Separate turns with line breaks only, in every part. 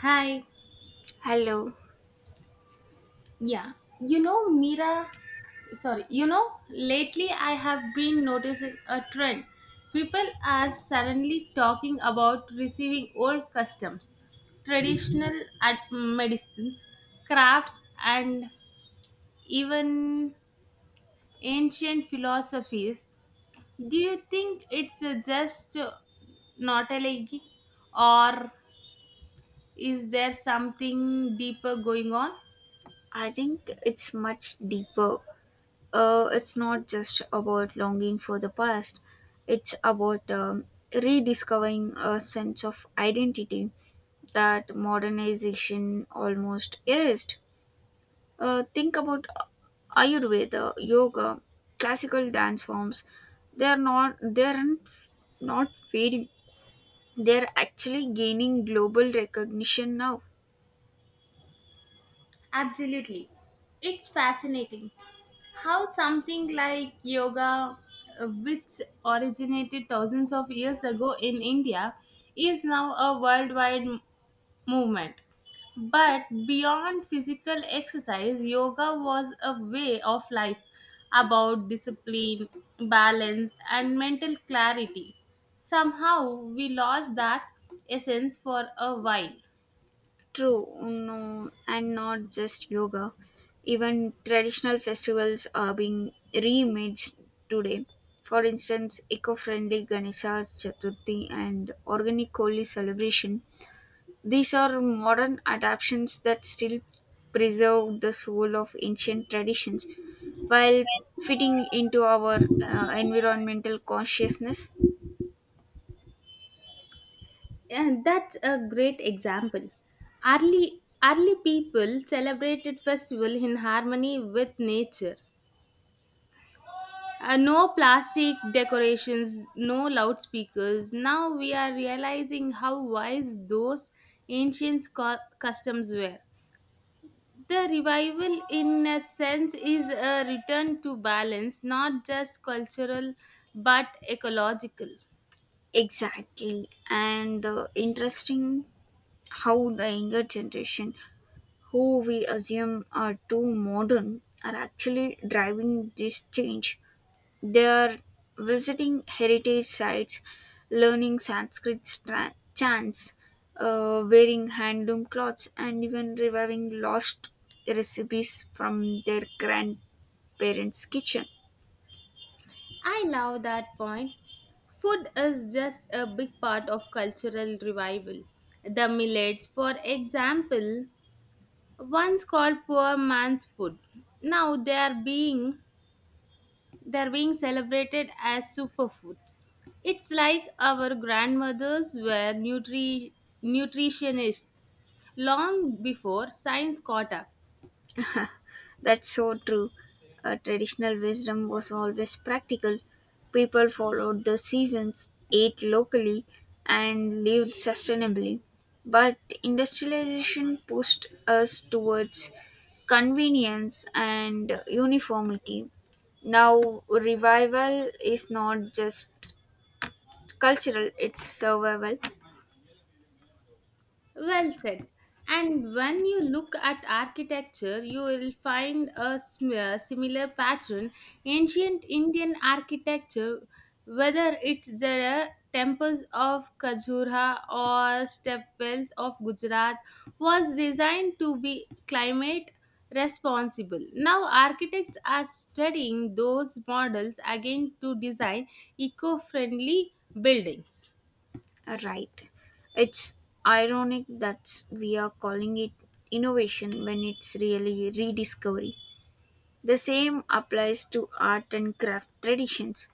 Hi.
Hello.
Yeah, Mira, sorry, lately I have been noticing a trend. People are suddenly talking about receiving old customs, traditional medicines, crafts, and even ancient philosophies. Do you think it's just notalgia, or is there something deeper going on?
I think it's much deeper. It's not just about longing for the past, it's about rediscovering a sense of identity that modernization almost erased. Think about Ayurveda, yoga, classical dance forms. They're not fading. They're actually gaining global recognition now.
Absolutely. It's fascinating how something like yoga which originated thousands of years ago in india is now a worldwide movement, but beyond physical exercise yoga was a way of life, about discipline, balance and mental clarity. Somehow we lost that essence for a while.
True, no, and not just yoga. Even traditional festivals are being remade today. For instance, eco-friendly Ganesha Chaturthi and organic Holi celebration. These are modern adaptations that still preserve the soul of ancient traditions while fitting into our environmental consciousness.
And that's a great example. Early people celebrated festival in harmony with nature. No plastic decorations, no loudspeakers. Now we are realizing how wise those ancient customs were. The revival, in a sense, is a return to balance, not just cultural but ecological.
Exactly, and the interesting how the younger generation who we assume are too modern, are actually driving this change. They are visiting heritage sites, learning chants, wearing handloom clothes, and even reviving lost recipes from their grandparents' kitchen.
I love that point. Food is just a big part of cultural revival. The millets, for example, once called poor man's food. Now they are being celebrated as superfoods. It's like our grandmothers were nutritionists long before science caught up.
That's so true. Traditional wisdom was always practical. People followed the seasons, ate locally, and lived sustainably. But industrialization pushed us towards convenience and uniformity. Now, revival is not just cultural, it's survival.
Well said. And when you look at architecture, you will find a similar pattern. Ancient Indian architecture, whether it's the temples of Khajuraho or stepwells of Gujarat, was designed to be climate responsible. Now, architects are studying those models again to design eco friendly buildings.
Right. It's ironic that we are calling it innovation when it's really rediscovery. The same applies to art and craft traditions.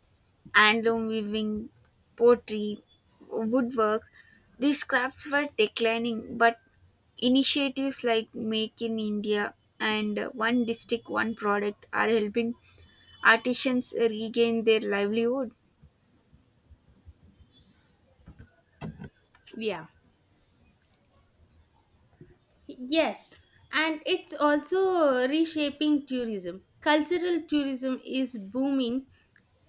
Handloom weaving, pottery, woodwork. These crafts were declining, but initiatives like Make in India and One District, One Product are helping artisans regain their livelihood.
Yeah. Yes, and it's also reshaping tourism. Cultural tourism is booming.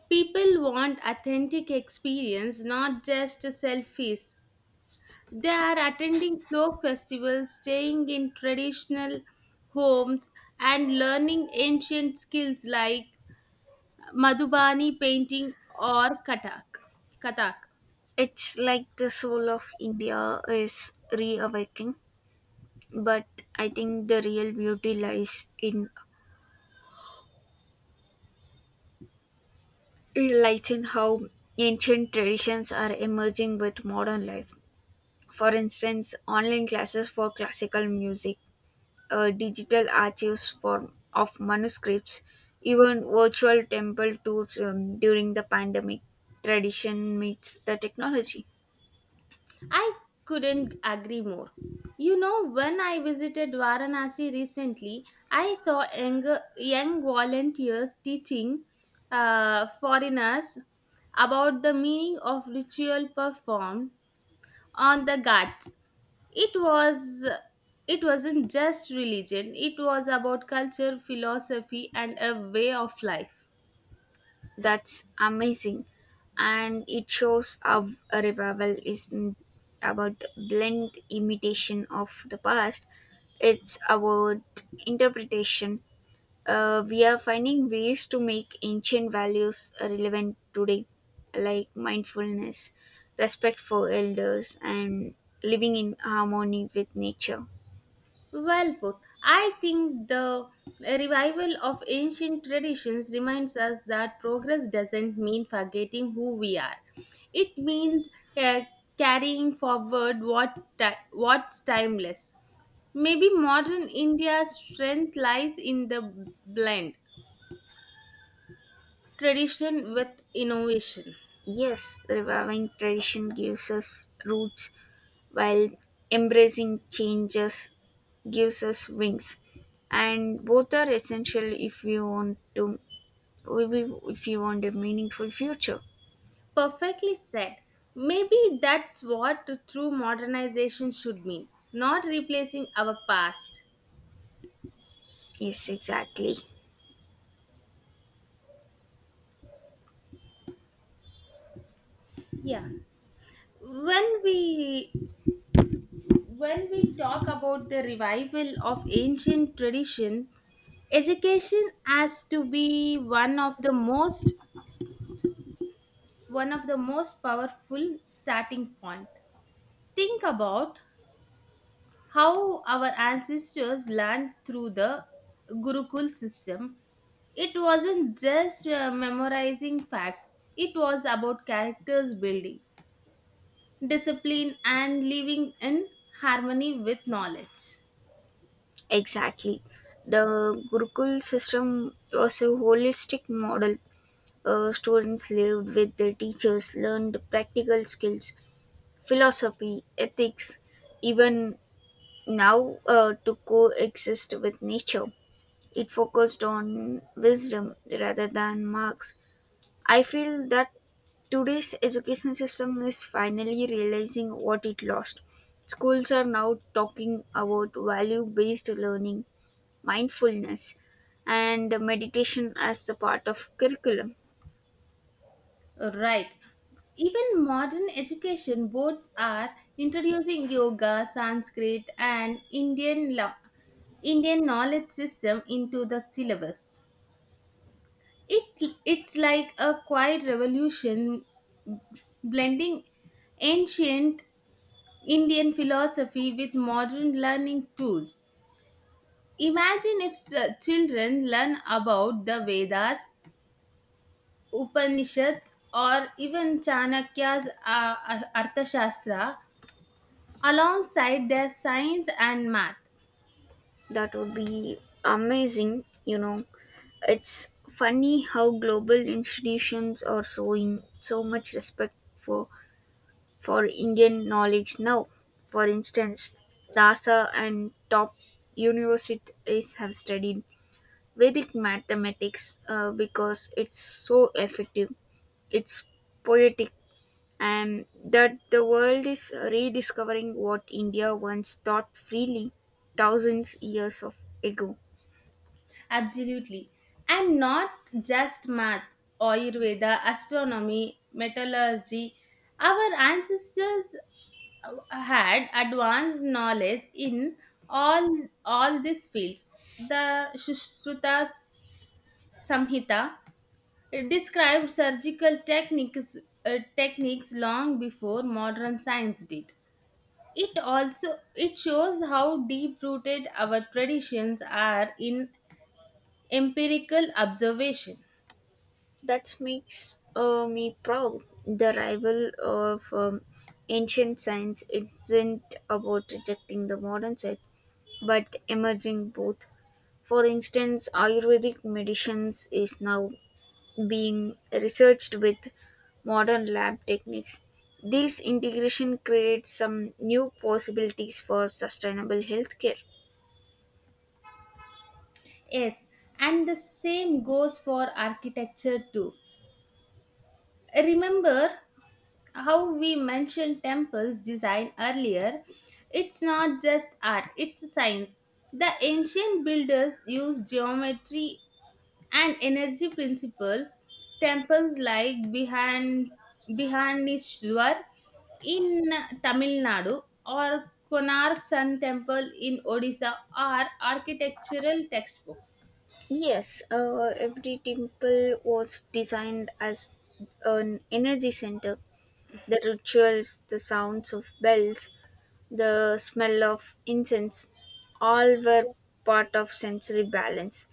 People want authentic experience, not just selfies. They are attending folk festivals, staying in traditional homes, and learning ancient skills like Madhubani painting or Katak. Katak.
It's like the soul of India is reawakening, but I think the real beauty lies in how ancient traditions are emerging with modern life. For instance, online classes for classical music, digital archives for of manuscripts, even virtual temple tours during the pandemic. Tradition meets the technology.
I couldn't agree more. You know, when I visited Varanasi recently, I saw young volunteers teaching foreigners about the meaning of ritual performed on the ghats. It was it wasn't just religion; it was about culture, philosophy, and a way of life.
That's amazing. And it shows how a revival isn't about blend imitation of the past, it's about interpretation. We are finding ways to make ancient values relevant today, like mindfulness, respect for elders, and living in harmony with nature.
Well put. I think the revival of ancient traditions reminds us that progress doesn't mean forgetting who we are. It means uh, carrying forward what's timeless. Maybe modern India's strength lies in the blend tradition with innovation.
Yes, reviving tradition gives us roots while embracing changes gives us wings, and both are essential if we want to if you want a meaningful future.
Perfectly said. Maybe that's what true modernization should mean, not replacing our past.
Yes, exactly.
Yeah, when we when we talk about the revival of ancient tradition, education has to be one of the most powerful starting point. Think about how our ancestors learned through the gurukul system. It wasn't just memorizing facts, it was about characters building, discipline and living in harmony with knowledge.
Exactly, the gurukul system was a holistic model. Uh, students lived with their teachers, learned practical skills, philosophy, ethics, even now, to coexist with nature. It focused on wisdom rather than marks. I feel that today's education system is finally realizing what it lost. Schools are now talking about value based learning, mindfulness, and meditation as the part of curriculum.
Right. Even modern education boards are introducing yoga, Sanskrit, and Indian knowledge system into the syllabus. It's like a quiet revolution, blending ancient Indian philosophy with modern learning tools. Imagine if children learn about the Vedas, Upanishads, or even Chanakya's Arthashastra alongside their science and math.
That would be amazing, you know. It's funny how global institutions are showing so much respect for Indian knowledge now. For instance, Rasa and top universities have studied Vedic mathematics because it's so effective, it's poetic, and that the world is rediscovering what India once taught freely thousands years of ago.
Absolutely. And not just math, Ayurveda, astronomy, metallurgy. Our ancestors uh, had advanced knowledge in all these fields. The Sushruta Samhita. It described surgical techniques techniques long before modern science did. It also it shows how deep rooted our traditions are in empirical observation.
That makes me proud. The rival of ancient science isn't about rejecting the modern science but emerging both. For instance, Ayurvedic medicines is now being researched with modern lab techniques. This integration creates some new possibilities for sustainable healthcare.
Yes, and the same goes for architecture too. Remember how we mentioned temples design earlier? It's not just art, it's science. The ancient builders used geometry and energy principles. Temples like Bihanishwar in Tamil Nadu or Konark Sun Temple in Odisha are architectural textbooks.
Yes, every temple was designed as an energy center. The rituals, the sounds of bells, the smell of incense, all were part of sensory balance.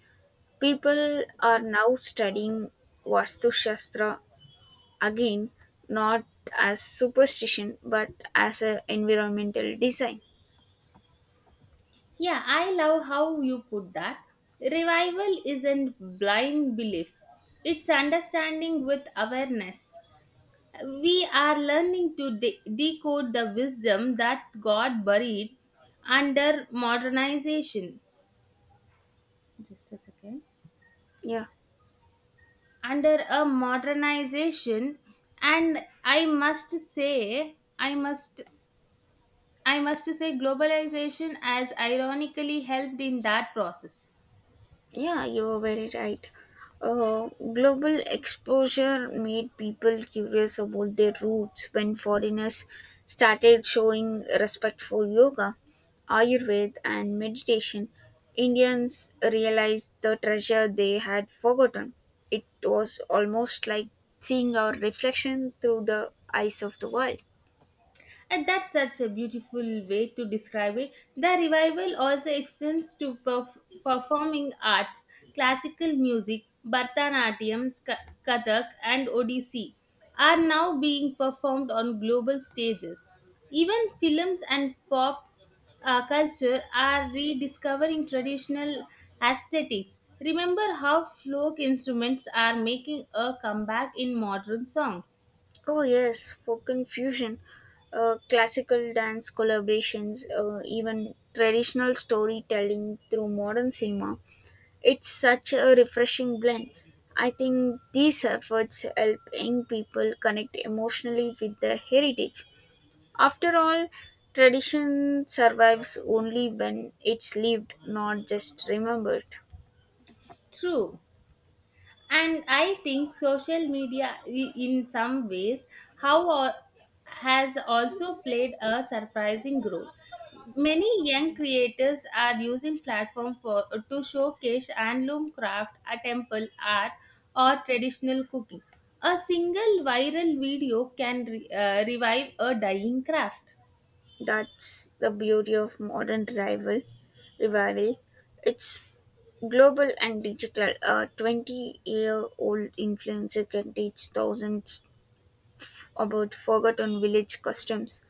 People are now studying Vastu Shastra again, not as superstition but as a environmental design.
Yeah, I love how you put that. Revival isn't blind belief, it's understanding with awareness. We are learning to decode the wisdom that God buried under modernization. Just a second.
Yeah.
Under a modernization, and I must say, I must, I must say, globalization has ironically helped in that process.
Yeah, you are very right. Global exposure made people curious about their roots when foreigners started showing respect for yoga, Ayurveda, and meditation. Indians realized the treasure they had forgotten. It was almost like seeing our reflection through the eyes of the world.
And that's such a beautiful way to describe it. The revival also extends to performing arts, classical music, Bharatanatyam, Kathak, and Odissi are now being performed on global stages. Even films and pop culture are rediscovering traditional aesthetics. Remember how folk instruments are making a comeback in modern songs.
Oh yes, for confusion, classical dance collaborations, even traditional storytelling through modern cinema. It's such a refreshing blend. I think these efforts help young people connect emotionally with their heritage. After all, tradition survives only when it's lived, not just remembered.
True, and I think social media in some ways how al- has also played a surprising role. Many young creators are using platform for to showcase handloom craft, a temple art, or traditional cooking. A single viral video can revive a dying craft.
That's the beauty of modern revival. Revival. It's global and digital. A 20-year-old influencer can teach thousands about forgotten village customs.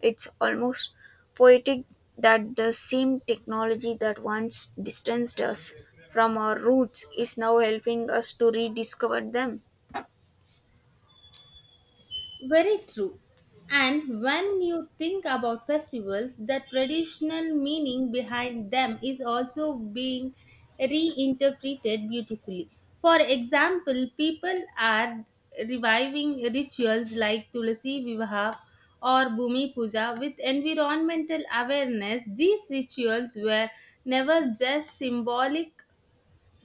It's almost poetic that the same technology that once distanced us from our roots is now helping us to rediscover them.
Very true. And when you think about festivals, the traditional meaning behind them is also being reinterpreted beautifully. For example, people are reviving rituals like Tulasi Vivaha or Bhumi Puja with environmental awareness. These rituals were never just symbolic,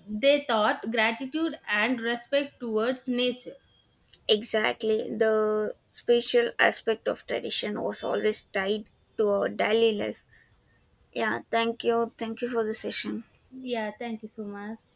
they taught gratitude and respect towards nature.
Exactly. The spatial aspect of tradition was always tied to our daily life. Yeah, thank you. Thank you for the session.
Yeah, thank you so much.